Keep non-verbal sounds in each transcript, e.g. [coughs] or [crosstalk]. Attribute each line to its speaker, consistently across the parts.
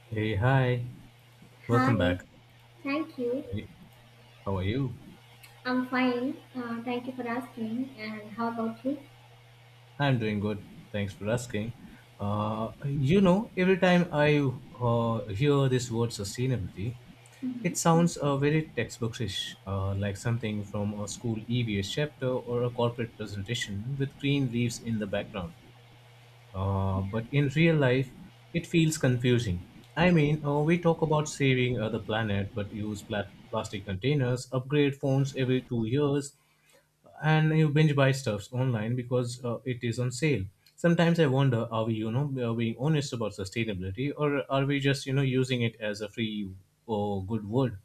Speaker 1: Hey, hi. Welcome
Speaker 2: Hi,
Speaker 1: back.
Speaker 2: thank you.
Speaker 1: How are you? How are you?
Speaker 2: I'm fine. Thank you for asking. And how about you?
Speaker 1: I'm doing good. Thanks for asking. Every time I hear this word sustainability, it
Speaker 2: hmm
Speaker 1: sounds very textbookish, like something from a school EVS chapter or a corporate presentation with green leaves in the background. But in real life, it feels confusing. We talk about saving the planet, but use plastic containers, upgrade phones every 2 years, and you binge buy stuffs online because it is on sale. Sometimes I wonder, are we honest about sustainability, or are we just, using it as a free or good word?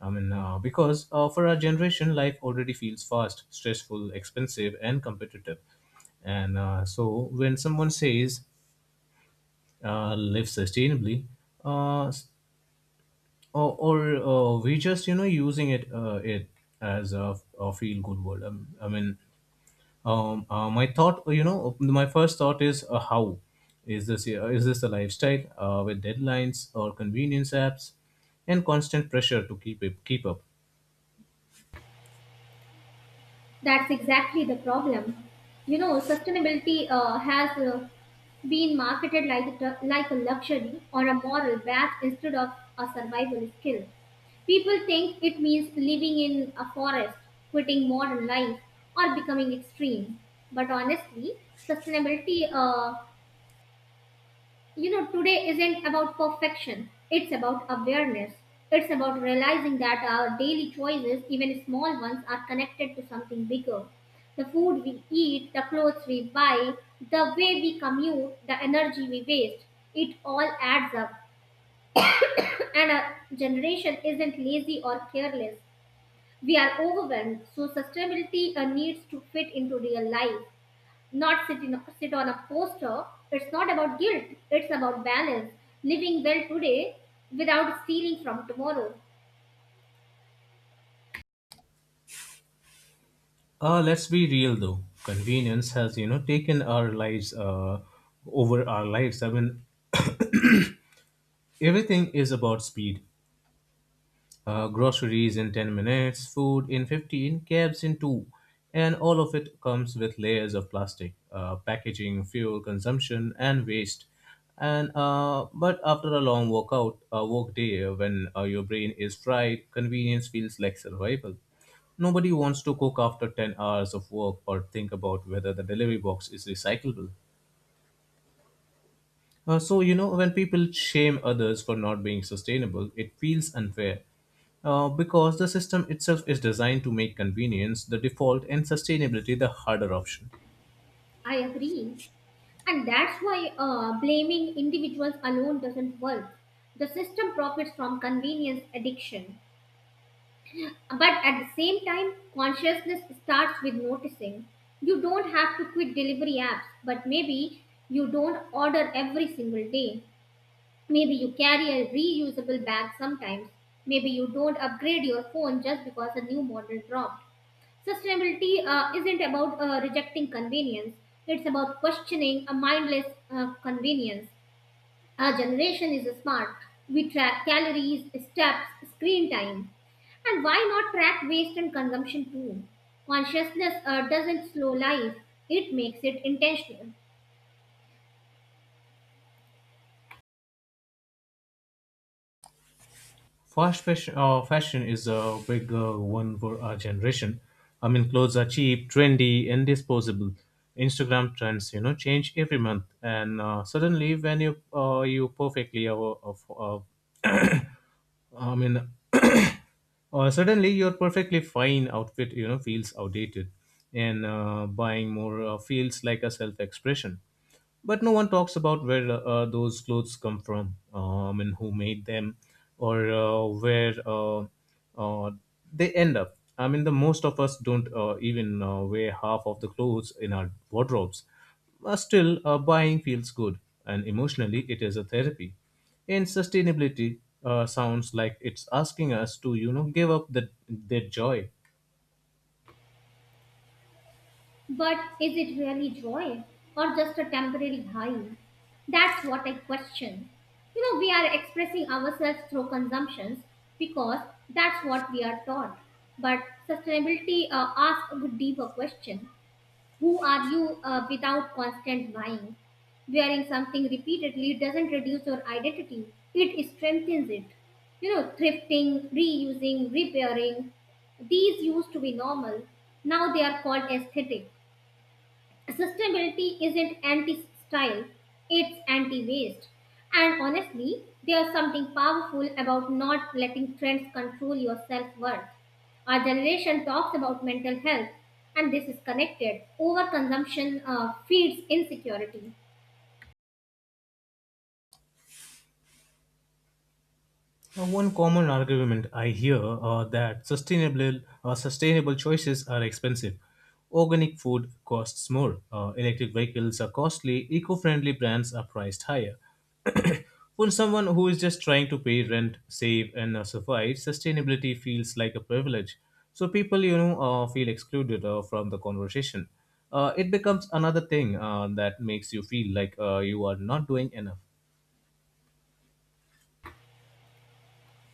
Speaker 1: I mean, because For our generation, life already feels fast, stressful, expensive, and competitive. And So when someone says live sustainably, s- or we just using it as a feel good word. My thought, my first thought is how is this a lifestyle with deadlines or convenience apps and constant pressure to keep up?
Speaker 2: That's exactly the problem. You know, sustainability has been marketed like like a luxury or a moral badge instead of a survival skill. People think it means living in a forest, quitting modern life, or becoming extreme. But honestly, sustainability you know today isn't about perfection. It's about awareness. It's about realizing that our daily choices, even small ones, are connected to something bigger: the food we eat, the clothes we buy, the way we commute, the energy we waste. It all adds up. [laughs] And our generation isn't lazy or careless, we are overwhelmed. So sustainability needs to fit into real life, not sit on a poster. It's not about guilt, it's about balance. Living well today without stealing from tomorrow.
Speaker 1: Let's be real though, convenience has taken our lives over our lives. I mean, everything is about speed. Groceries in 10 minutes, food in 15, cabs in 2, and all of it comes with layers of plastic, packaging, fuel consumption, and waste. And but after a work day when your brain is fried, convenience feels like survival. Nobody wants to cook after 10 hours of work or think about whether the delivery box is recyclable. When people shame others for not being sustainable, it feels unfair. Because the system itself is designed to make convenience the default and sustainability the harder option.
Speaker 2: I agree. And that's why blaming individuals alone doesn't work. The system profits from convenience addiction. But at the same time, consciousness starts with noticing. You don't have to quit delivery apps, but maybe you don't order every single day. Maybe you carry a reusable bag sometimes. Maybe you don't upgrade your phone just because a new model dropped. Sustainability isn't about rejecting convenience, it's about questioning a mindless convenience. Our generation is smart. We track calories, steps, screen time. And why not track waste and consumption too? Consciousness doesn't slow life, it makes it intentional.
Speaker 1: Fashion is a big one for our generation. I mean, clothes are cheap, trendy, and disposable. Instagram trends, change every month, and suddenly when you you perfectly uh, I mean, [clears throat] suddenly your perfectly fine outfit, feels outdated, and buying more feels like a self-expression. But no one talks about where those clothes come from, and who made them, or where uh, they end up. I mean, the most of us don't even wear half of the clothes in our wardrobes. But still, buying feels good, and emotionally, it is a therapy. In sustainability, sounds like it's asking us to, give up their joy.
Speaker 2: But is it really joy or just a temporary high? That's what I question. You know, we are expressing ourselves through consumptions because that's what we are taught. But sustainability asks a deeper question. Who are you without constant buying? Wearing something repeatedly doesn't reduce your identity, it strengthens it. You know, thrifting, reusing, repairing, these used to be normal. Now they are called aesthetic. Sustainability isn't anti style, it's anti waste. And honestly, there's something powerful about not letting trends control your self worth. Our generation talks about mental health, and this is connected. Overconsumption feeds insecurity.
Speaker 1: Now, one common argument I hear that sustainable sustainable choices are expensive. Organic food costs more. Electric vehicles are costly. Eco-friendly brands are priced higher. [coughs] [clears throat] For someone who is just trying to pay rent, save, and survive, sustainability feels like a privilege. So people, feel excluded from the conversation. It becomes another thing that makes you feel like you are not doing enough.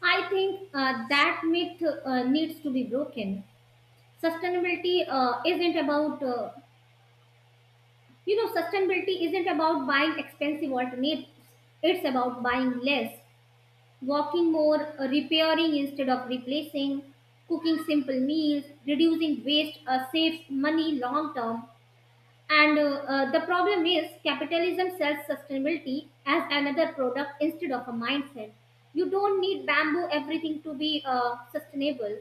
Speaker 2: I think that myth needs to be broken. Sustainability uh, isn't about, uh, sustainability isn't about buying expensive alternatives, it's about buying less, walking more, repairing instead of replacing, cooking simple meals, reducing waste, saves money long term. And the problem is capitalism sells sustainability as another product instead of a mindset. You don't need bamboo everything to be sustainable.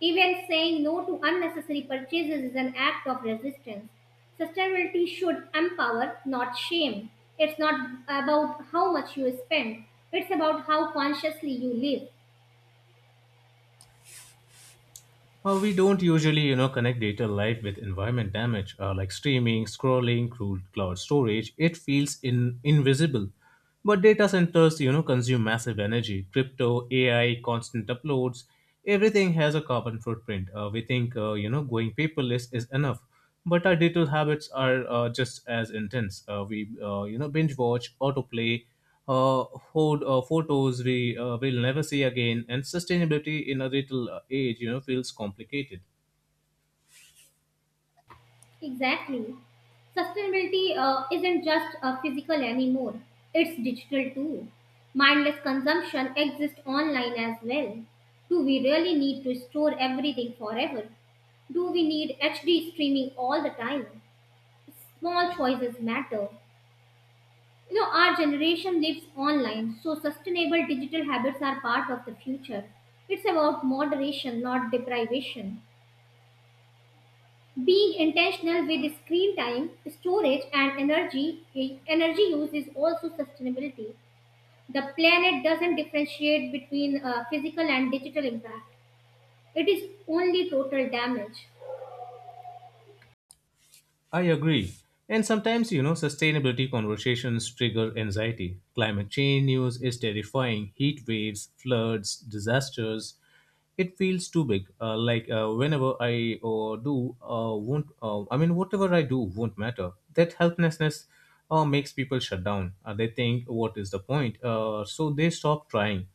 Speaker 2: Even saying no to unnecessary purchases is an act of resistance. Sustainability should empower, not shame. It's not about how much you spend, it's about how consciously you live.
Speaker 1: Well, we don't usually, connect data life with environment damage, like streaming, scrolling, crude cloud storage. It feels invisible. But data centers, consume massive energy. Crypto, AI, constant uploads, everything has a carbon footprint. We think, you know, Going paperless is enough. But our digital habits are just as intense. Binge watch, autoplay, uh, hold photos we will never see again, and sustainability in a little age, feels complicated.
Speaker 2: Exactly. Sustainability isn't just physical anymore, it's digital too. Mindless consumption exists online as well. Do we really need to store everything forever? Do we need HD streaming all the time? Small choices matter. You know, our generation lives online, so sustainable digital habits are part of the future. It's about moderation, not deprivation. Being intentional with screen time, storage, and energy use is also sustainability. The planet doesn't differentiate between physical and digital impact. It is only total damage.
Speaker 1: I agree. And sometimes, sustainability conversations trigger anxiety. Climate change news is terrifying. Heat waves, floods, disasters. It feels too big. Like whenever I do, won't. I mean, Whatever I do won't matter. That helplessness makes people shut down. They think, "What is the point?" So they stop trying.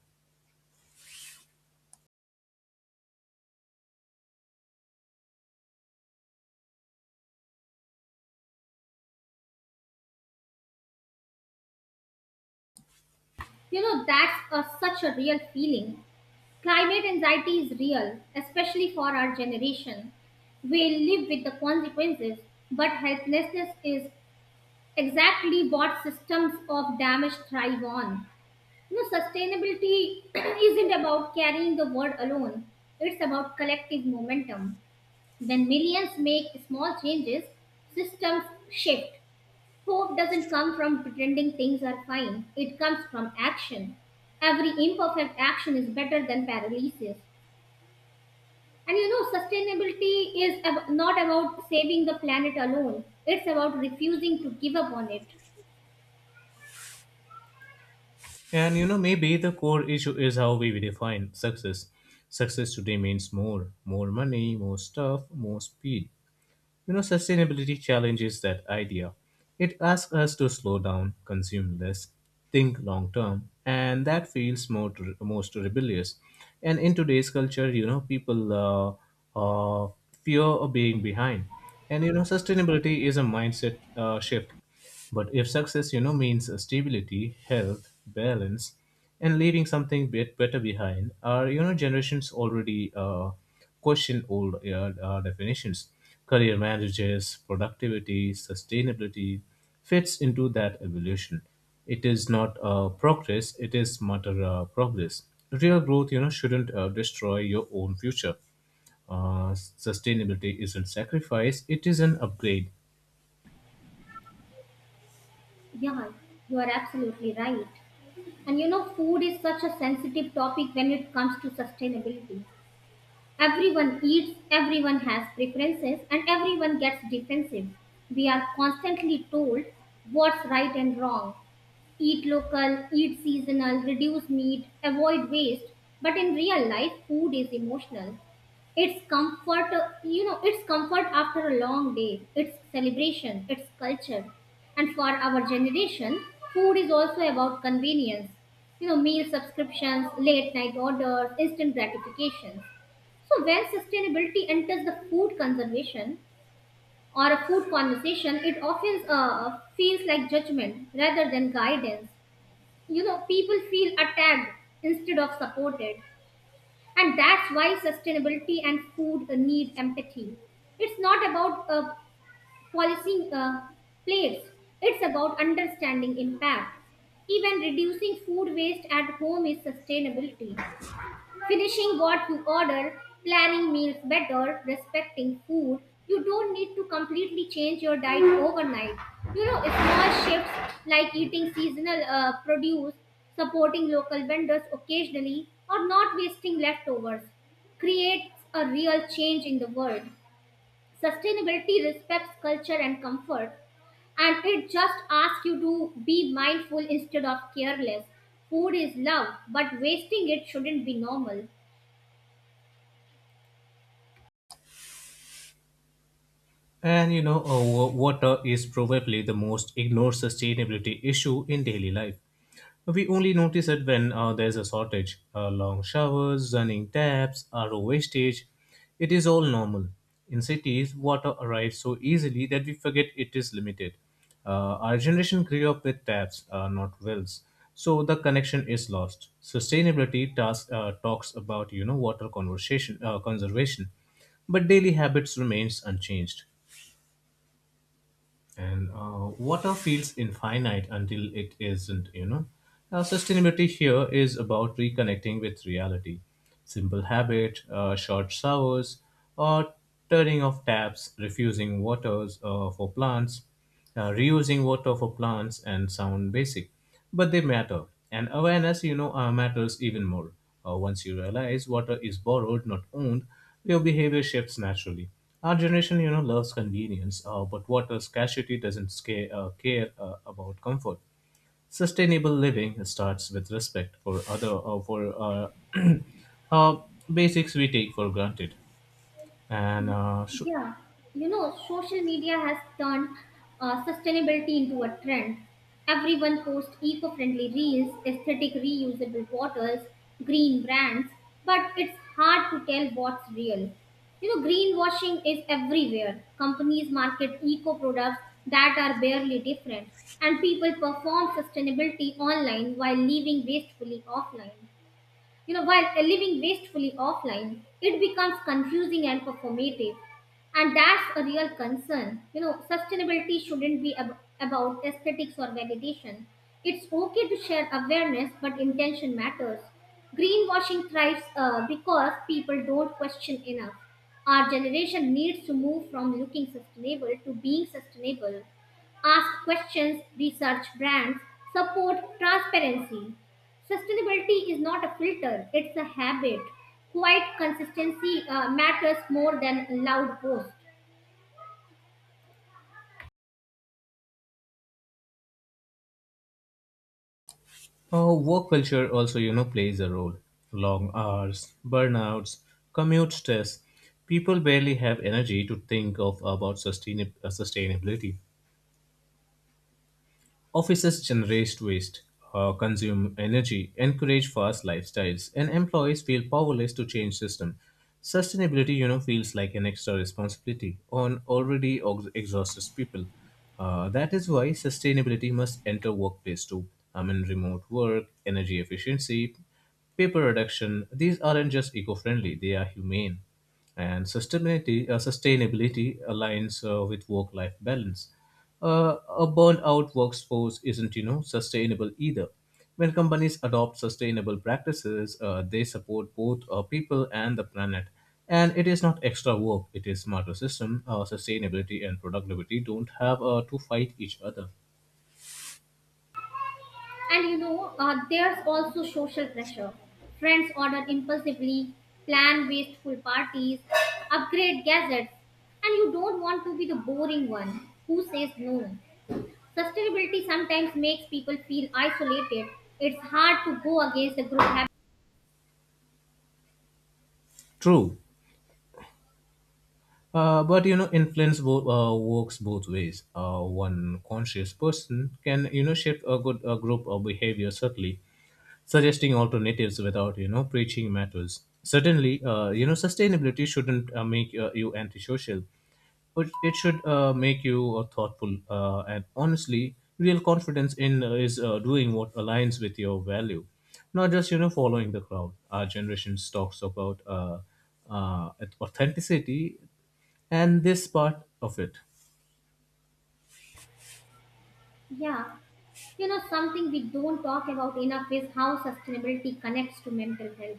Speaker 2: You know, that's such a real feeling. Climate anxiety is real, especially for our generation. We live with the consequences, but helplessness is exactly what systems of damage thrive on. You know, sustainability [clears throat] isn't about carrying the world alone, it's about collective momentum. When millions make small changes, systems shift. Hope doesn't come from pretending things are fine, it comes from action. Every imperfect action is better than paralysis. And you know, sustainability is not about saving the planet alone, it's about refusing to give up on it.
Speaker 1: And you know, maybe the core issue is how we define success. Success today means more, more money, more stuff, more speed. You know, sustainability challenges that idea. It asks us to slow down, consume less, think long term, and that feels more most rebellious. And in today's culture, people uh, fear of being behind. And you know, sustainability is a mindset shift. But if success, means stability, health, balance, and leaving something bit better behind, our generations already question old definitions. Career managers, productivity, sustainability fits into that evolution. It is not progress; it is matter progress. Real growth, shouldn't destroy your own future. uh, Sustainability isn't sacrifice, it is an upgrade.
Speaker 2: Yeah, you are absolutely right. And you know, food is such a sensitive topic when it comes to sustainability. Everyone eats, everyone has preferences, and everyone gets defensive. We are constantly told what's right and wrong. Eat local, eat seasonal, reduce meat, avoid waste. But in real life, food is emotional. It's comfort after a long day. It's celebration, it's culture. And for our generation, food is also about convenience. You know, meal subscriptions, late night orders, instant gratifications. So when sustainability enters the food conservation or a food conversation, it often feels like judgment rather than guidance. You know, people feel attacked instead of supported. And that's why sustainability and food need empathy. It's not about policing plates, it's about understanding impact. Even reducing food waste at home is sustainability. Finishing what you order, planning meals better, respecting food. You don't need to completely change your diet overnight. You know, small shifts like eating seasonal produce, supporting local vendors occasionally, or not wasting leftovers creates a real change in the world. Sustainability respects culture and comfort, and it just asks you to be mindful instead of careless. Food is love, but wasting it shouldn't be normal.
Speaker 1: And you know, water is probably the most ignored sustainability issue in daily life. We only notice it when there's a shortage. Long showers, running taps, RO wastage. It is all normal. In cities, water arrives so easily that we forget it is limited. Our generation grew up with taps, not wells. So the connection is lost. Sustainability talks about water conversation conservation, but daily habits remains unchanged. And water feels infinite until it isn't, you know. Now, sustainability here is about reconnecting with reality. Simple habit, short showers, or turning off taps, refusing waters for plants, reusing water for plants, and sound basic but they matter, and awareness, matters even more. Once you realize water is borrowed not owned, your behavior shifts naturally. Our generation, loves convenience, but water scarcity doesn't care about comfort. Sustainable living starts with respect for other for uh, [clears throat] uh, basics we take for granted. And
Speaker 2: Yeah, you know, social media has turned sustainability into a trend. Everyone posts eco friendly reels, aesthetic reusable bottles, green brands, but it's hard to tell what's real. You know, greenwashing is everywhere. Companies market eco products that are barely different, and people perform sustainability online while living wastefully offline. It becomes confusing and performative. And that's a real concern. You know, sustainability shouldn't be about aesthetics or validation. It's okay to share awareness, but intention matters. Greenwashing thrives because people don't question enough. Our generation needs to move from looking sustainable to being sustainable. Ask questions, research brands, support transparency. Sustainability is not a filter, it's a habit. Quiet consistency matters more than loud posts.
Speaker 1: Oh, work culture also, plays a role. Long hours, burnouts, commute stress. People barely have energy to think of about sustainability. Offices generate waste, consume energy, encourage fast lifestyles, and employees feel powerless to change system. Sustainability, feels like an extra responsibility on already exhausted people. That is why sustainability must enter workplace too. I mean, remote work, energy efficiency, paper reduction. These aren't just eco-friendly; they are humane. And sustainability aligns with work-life balance. A burnout workforce isn't sustainable either. When companies adopt sustainable practices, they support both people and the planet, and it is not extra work, it is smarter system. Sustainability and productivity don't have to fight each other.
Speaker 2: And you know, there's also social pressure. Friends order impulsively, plan wasteful parties, upgrade gadgets, and you don't want to be the boring one who says no. Sustainability sometimes makes people feel isolated. It's hard to go against the group habit.
Speaker 1: True. But you know, influence works both ways. One conscious person can shape a good group of behavior subtly, suggesting alternatives without preaching matters. Certainly, sustainability shouldn't make you antisocial, but it should make you thoughtful and honestly. Real confidence in is doing what aligns with your value, not just following the crowd. Our generation talks about uh, authenticity, and this part of it.
Speaker 2: Yeah. You know, something we don't talk about enough is how sustainability connects to mental health.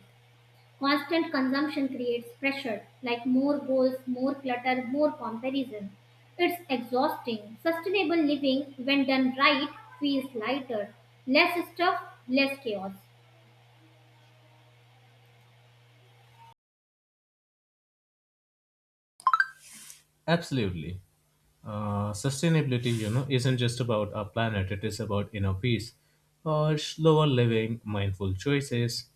Speaker 2: Constant consumption creates pressure, like more goals, more clutter, more comparison. It's exhausting. Sustainable living, when done right, feels lighter. Less stuff, less chaos.
Speaker 1: Absolutely. Sustainability, isn't just about our planet. It is about inner peace, slower living, mindful choices,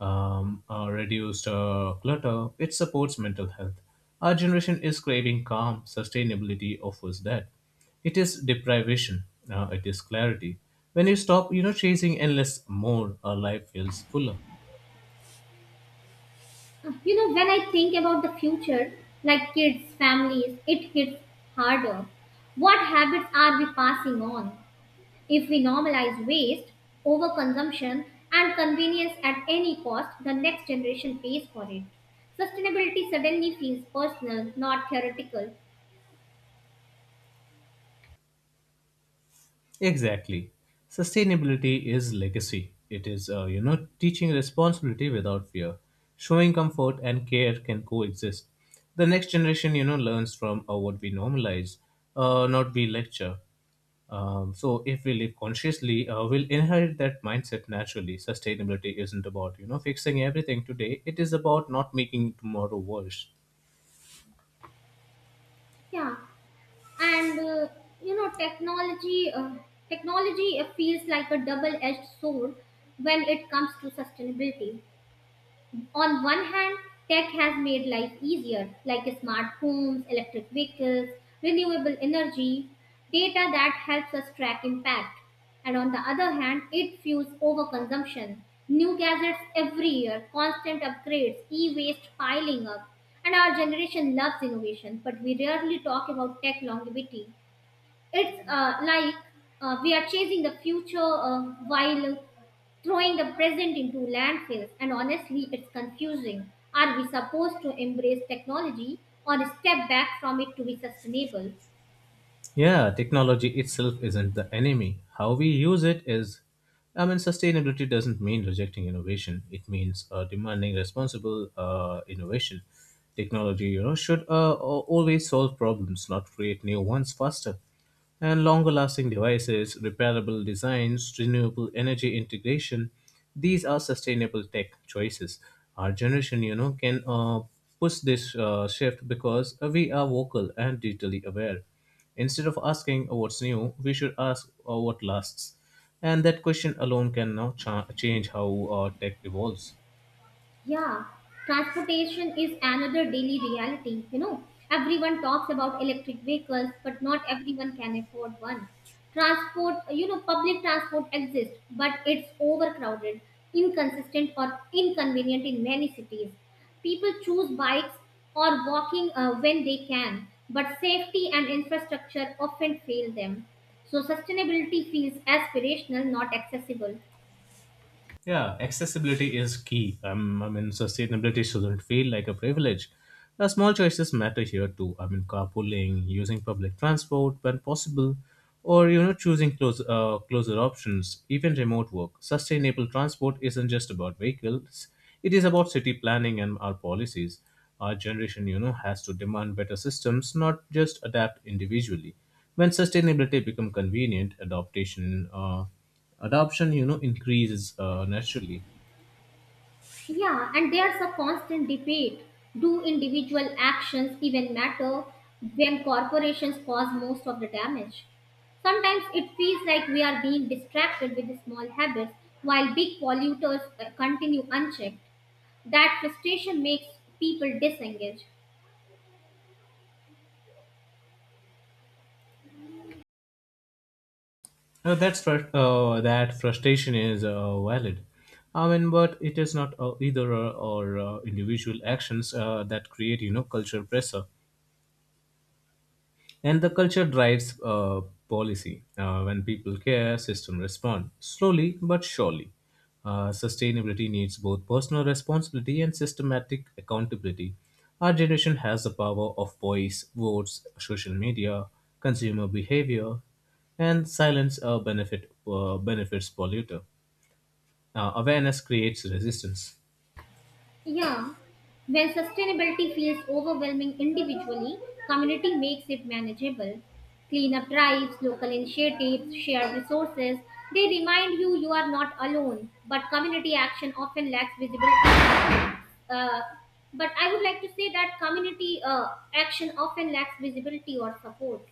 Speaker 1: reduced clutter. It supports mental health. Our generation is craving calm. Sustainability offers that. It is deprivation. It is clarity. When you stop, chasing endless more, our life feels fuller.
Speaker 2: You know, when I think about the future, like kids, families, it hits harder. What habits are we passing on? If we normalize waste, overconsumption, and convenience at any cost, the next generation pays for it. Sustainability suddenly feels personal, not theoretical.
Speaker 1: Exactly. Sustainability is legacy. It is teaching responsibility without fear. Showing comfort and care can coexist. The next generation, learns from what we normalize, not we lecture. So if we live consciously, we'll inherit that mindset naturally. Sustainability isn't about, fixing everything today. It is about not making tomorrow worse.
Speaker 2: Yeah, and you know, technology feels like a double-edged sword when it comes to sustainability. On one hand, tech has made life easier, like smart homes, electric vehicles, renewable energy, data that helps us track impact. And on the other hand, it fuels overconsumption. New gadgets every year, constant upgrades, e waste piling up. And our generation loves innovation, but we rarely talk about tech longevity. It's like we are chasing the future while throwing the present into landfills, and honestly, it's confusing. Are we supposed to embrace technology or step back from it to be sustainable?
Speaker 1: Yeah, technology itself isn't the enemy. How we use it is. I mean, sustainability doesn't mean rejecting innovation. It means demanding responsible innovation. Technology, should always solve problems, not create new ones faster. And longer lasting devices, repairable designs, renewable energy integration, these are sustainable tech choices. Our generation, can push this shift because we are vocal and digitally aware. Instead of asking what's new, we should ask what lasts. And that question alone can now change how tech evolves.
Speaker 2: Yeah, transportation is another daily reality. You know, everyone talks about electric vehicles, but not everyone can afford one. Public transport exists, but it's overcrowded, inconsistent, or inconvenient in many cities. People choose bikes or walking when they can, but safety and infrastructure often fail them. So, sustainability feels aspirational, not accessible.
Speaker 1: Yeah, accessibility is key. I mean, sustainability shouldn't feel like a privilege. Small choices matter here too. I mean, carpooling, using public transport when possible, or you know, choosing closer options, even remote work. Sustainable transport isn't just about vehicles; it is about city planning and our policies. Our generation, has to demand better systems, not just adapt individually. When sustainability become convenient, adaptation. Adoption increases naturally.
Speaker 2: Yeah, and there's a constant debate. Do individual actions even matter when corporations cause most of the damage? Sometimes it feels like we are being distracted with small habits while big polluters continue unchecked. That frustration makes people disengage.
Speaker 1: That frustration is valid, I mean, but it is not either or, individual actions that create cultural pressure, and the culture drives policy. When people care, system respond slowly but surely. Sustainability needs both personal responsibility and systematic accountability. Our generation has the power of voice, votes, social media, consumer behavior, and silence benefits polluter. Awareness creates resistance.
Speaker 2: Yeah, when sustainability feels overwhelming individually, community makes it manageable. Cleanup drives, local initiatives, shared resources, they remind you you are not alone, but community action often lacks visibility. Uh, but I would like to say that community action often lacks visibility or support.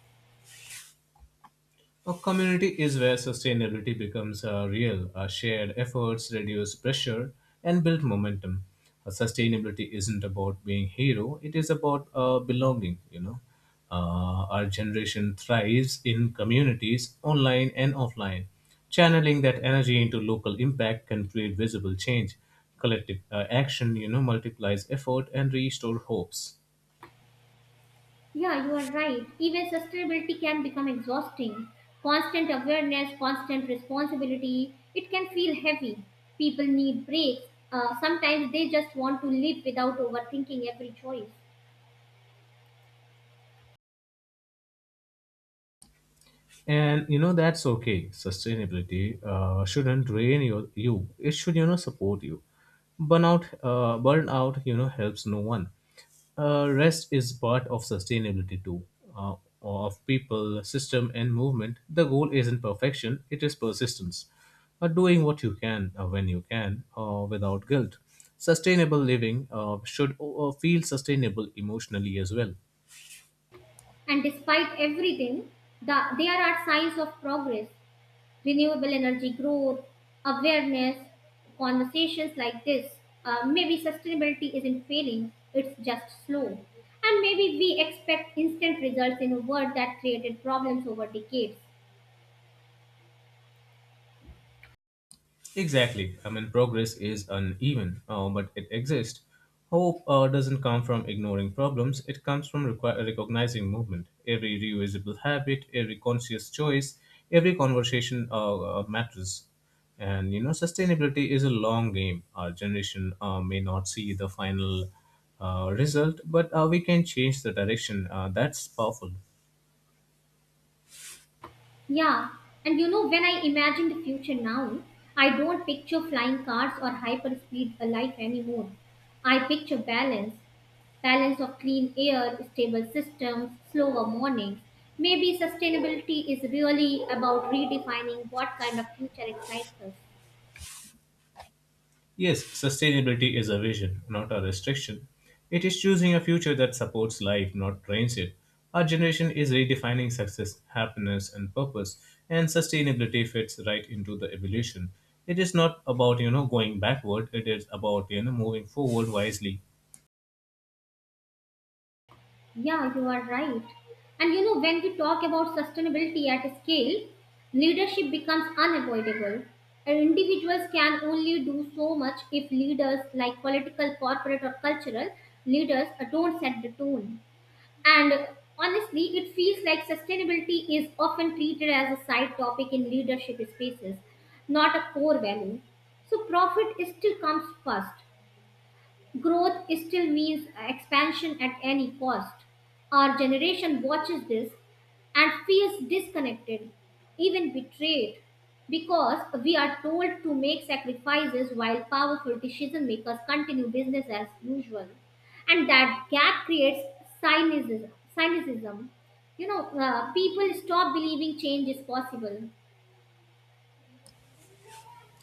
Speaker 1: A community is where sustainability becomes real. Our shared efforts reduce pressure and build momentum. Sustainability isn't about being hero; it is about belonging. Our generation thrives in communities, online and offline. Channeling that energy into local impact can create visible change. Collective action, multiplies effort and restore hopes.
Speaker 2: Yeah, you are right. Even sustainability can become exhausting. Constant awareness, constant responsibility, it can feel heavy. People need breaks. Sometimes they just want to live without overthinking every choice.
Speaker 1: And that's okay. Sustainability shouldn't drain you, it should support you. Burnout helps no one. Rest is part of sustainability too, uh, of people, system, and movement. The goal isn't perfection, it is persistence, doing what you can when you can without guilt. Sustainable living should feel sustainable emotionally as well.
Speaker 2: And despite everything, there are signs of progress: renewable energy growth, awareness, conversations like this. Maybe sustainability isn't failing, it's just slow. And maybe we expect instant results in a world that created problems over decades.
Speaker 1: Exactly. I mean, progress is uneven, but it exists. Hope doesn't come from ignoring problems, it comes from recognizing movement. Every reusable habit, every conscious choice, every conversation matters. And you know, sustainability is a long game. Our generation may not see the final result, but we can change the direction. That's powerful.
Speaker 2: Yeah, and you know, when I imagine the future now, I don't picture flying cars or hyperspeed life anymore. I picture balance, balance of clean air, stable systems, slower mornings. Maybe sustainability is really about redefining what kind of future excites us.
Speaker 1: Yes, sustainability is a vision, not a restriction. It is choosing a future that supports life, not drains it. Our generation is redefining success, happiness, and purpose, and sustainability fits right into the evolution. It is not about, you know, going backward, it is about, you know, moving forward wisely.
Speaker 2: Yeah, you are right. And you know, when we talk about sustainability at scale, leadership becomes unavoidable. And individuals can only do so much if leaders, like political, corporate, or cultural leaders, don't set the tone. And honestly, it feels like sustainability is often treated as a side topic in leadership spaces, not a core value. So, profit still comes first. Growth still means expansion at any cost. Our generation watches this and feels disconnected, even betrayed, because we are told to make sacrifices while powerful decision makers continue business as usual. And that gap creates cynicism. You know, people stop believing change is possible.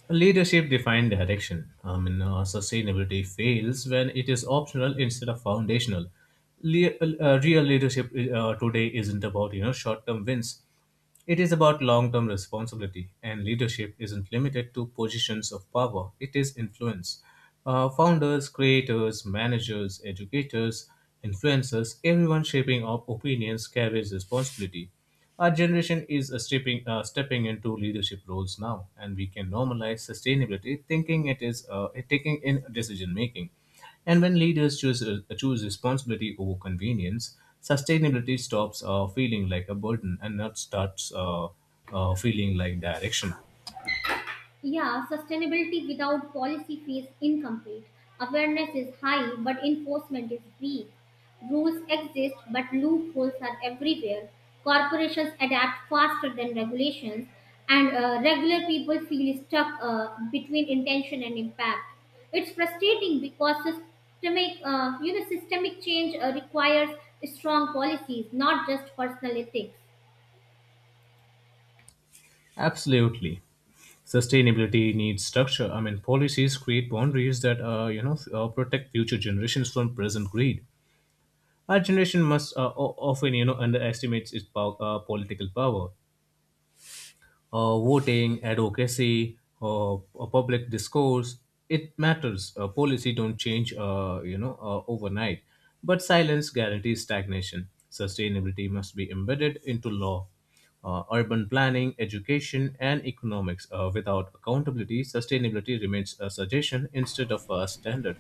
Speaker 1: Leadership defined direction. I mean, sustainability fails when it is optional instead of foundational. Le- Real leadership today isn't about short-term wins. It is about long-term responsibility, and leadership isn't limited to positions of power. It is influence. Founders, creators, managers, educators, influencers, everyone shaping our opinions carries responsibility. Our generation is stepping into leadership roles now, and we can normalize sustainability, thinking it is taking in decision making. And when leaders choose responsibility over convenience, sustainability stops feeling like a burden and not starts feeling like direction.
Speaker 2: Yeah, sustainability without policy feels incomplete. Awareness is high, but enforcement is weak. Rules exist, but loopholes are everywhere. Corporations adapt faster than regulations, and regular people feel stuck between intention and impact. It's frustrating because systemic change requires strong policies, not just personal ethics.
Speaker 1: Absolutely. Sustainability needs structure. I mean, policies create boundaries that, protect future generations from present greed. Our generation must often, you know, underestimates its political power. Voting, advocacy, public discourse, it matters. Policy don't change, overnight. But silence guarantees stagnation. Sustainability must be embedded into law. Urban planning, education, and economics. Without accountability, sustainability remains a suggestion instead of a standard.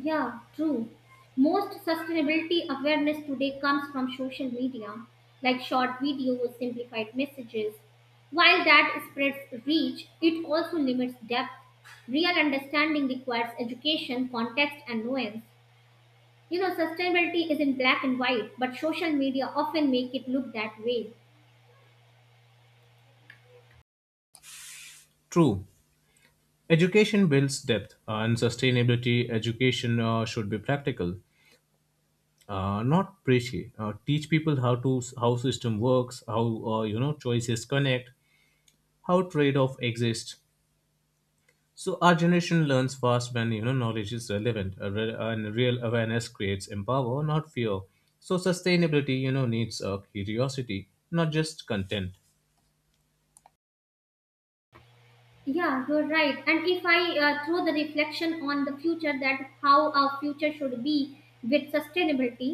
Speaker 2: Yeah, true. Most sustainability awareness today comes from social media, like short videos, simplified messages. While that spreads reach, it also limits depth. Real understanding requires education, context, and nuance. You know, sustainability is in black and white, but social media often make it look that way.
Speaker 1: True. Education builds depth and sustainability. Education should be practical, not preachy. Teach people how system works, how choices connect, how trade-off exists. So our generation learns fast when knowledge is relevant, and real awareness creates empower, not fear. So sustainability, you know, needs curiosity, not just content.
Speaker 2: Yeah, you're right. And if I throw the reflection on the future that how our future should be with sustainability,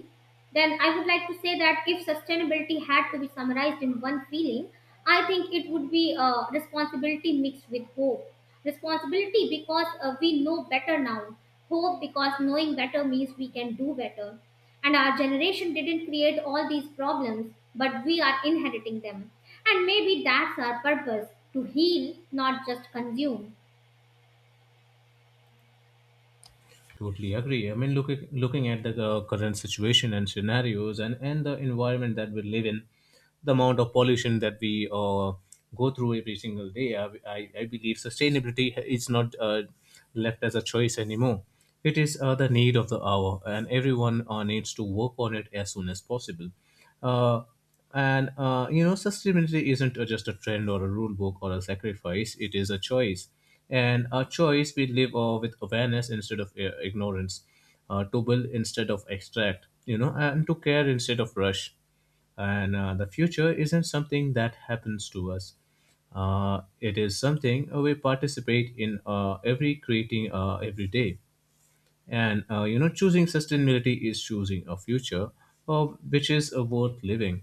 Speaker 2: then I would like to say that if sustainability had to be summarized in one feeling, I think it would be responsibility mixed with hope. Responsibility because we know better now. Hope because knowing better means we can do better. And our generation didn't create all these problems, but we are inheriting them. And maybe that's our purpose: to heal, not just consume.
Speaker 1: Totally agree. I mean, looking at the current situation and scenarios, and the environment that we live in, the amount of pollution that we go through every single day, I believe sustainability is not left as a choice anymore. It is the need of the hour, and everyone needs to work on it as soon as possible. Uh, and You know, sustainability isn't just a trend or a rule book or a sacrifice. It is a choice, and a choice we live with awareness instead of ignorance, to build instead of extract. You know, and to care instead of rush. And the future isn't something that happens to us. It is something we participate in every creating every day, and choosing sustainability is choosing a future which is worth living.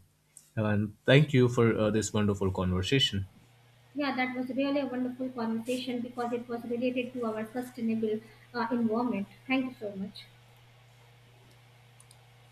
Speaker 1: And thank you for this wonderful conversation.
Speaker 2: Yeah, that was really a wonderful conversation because it was related to our sustainable environment. Thank you so much.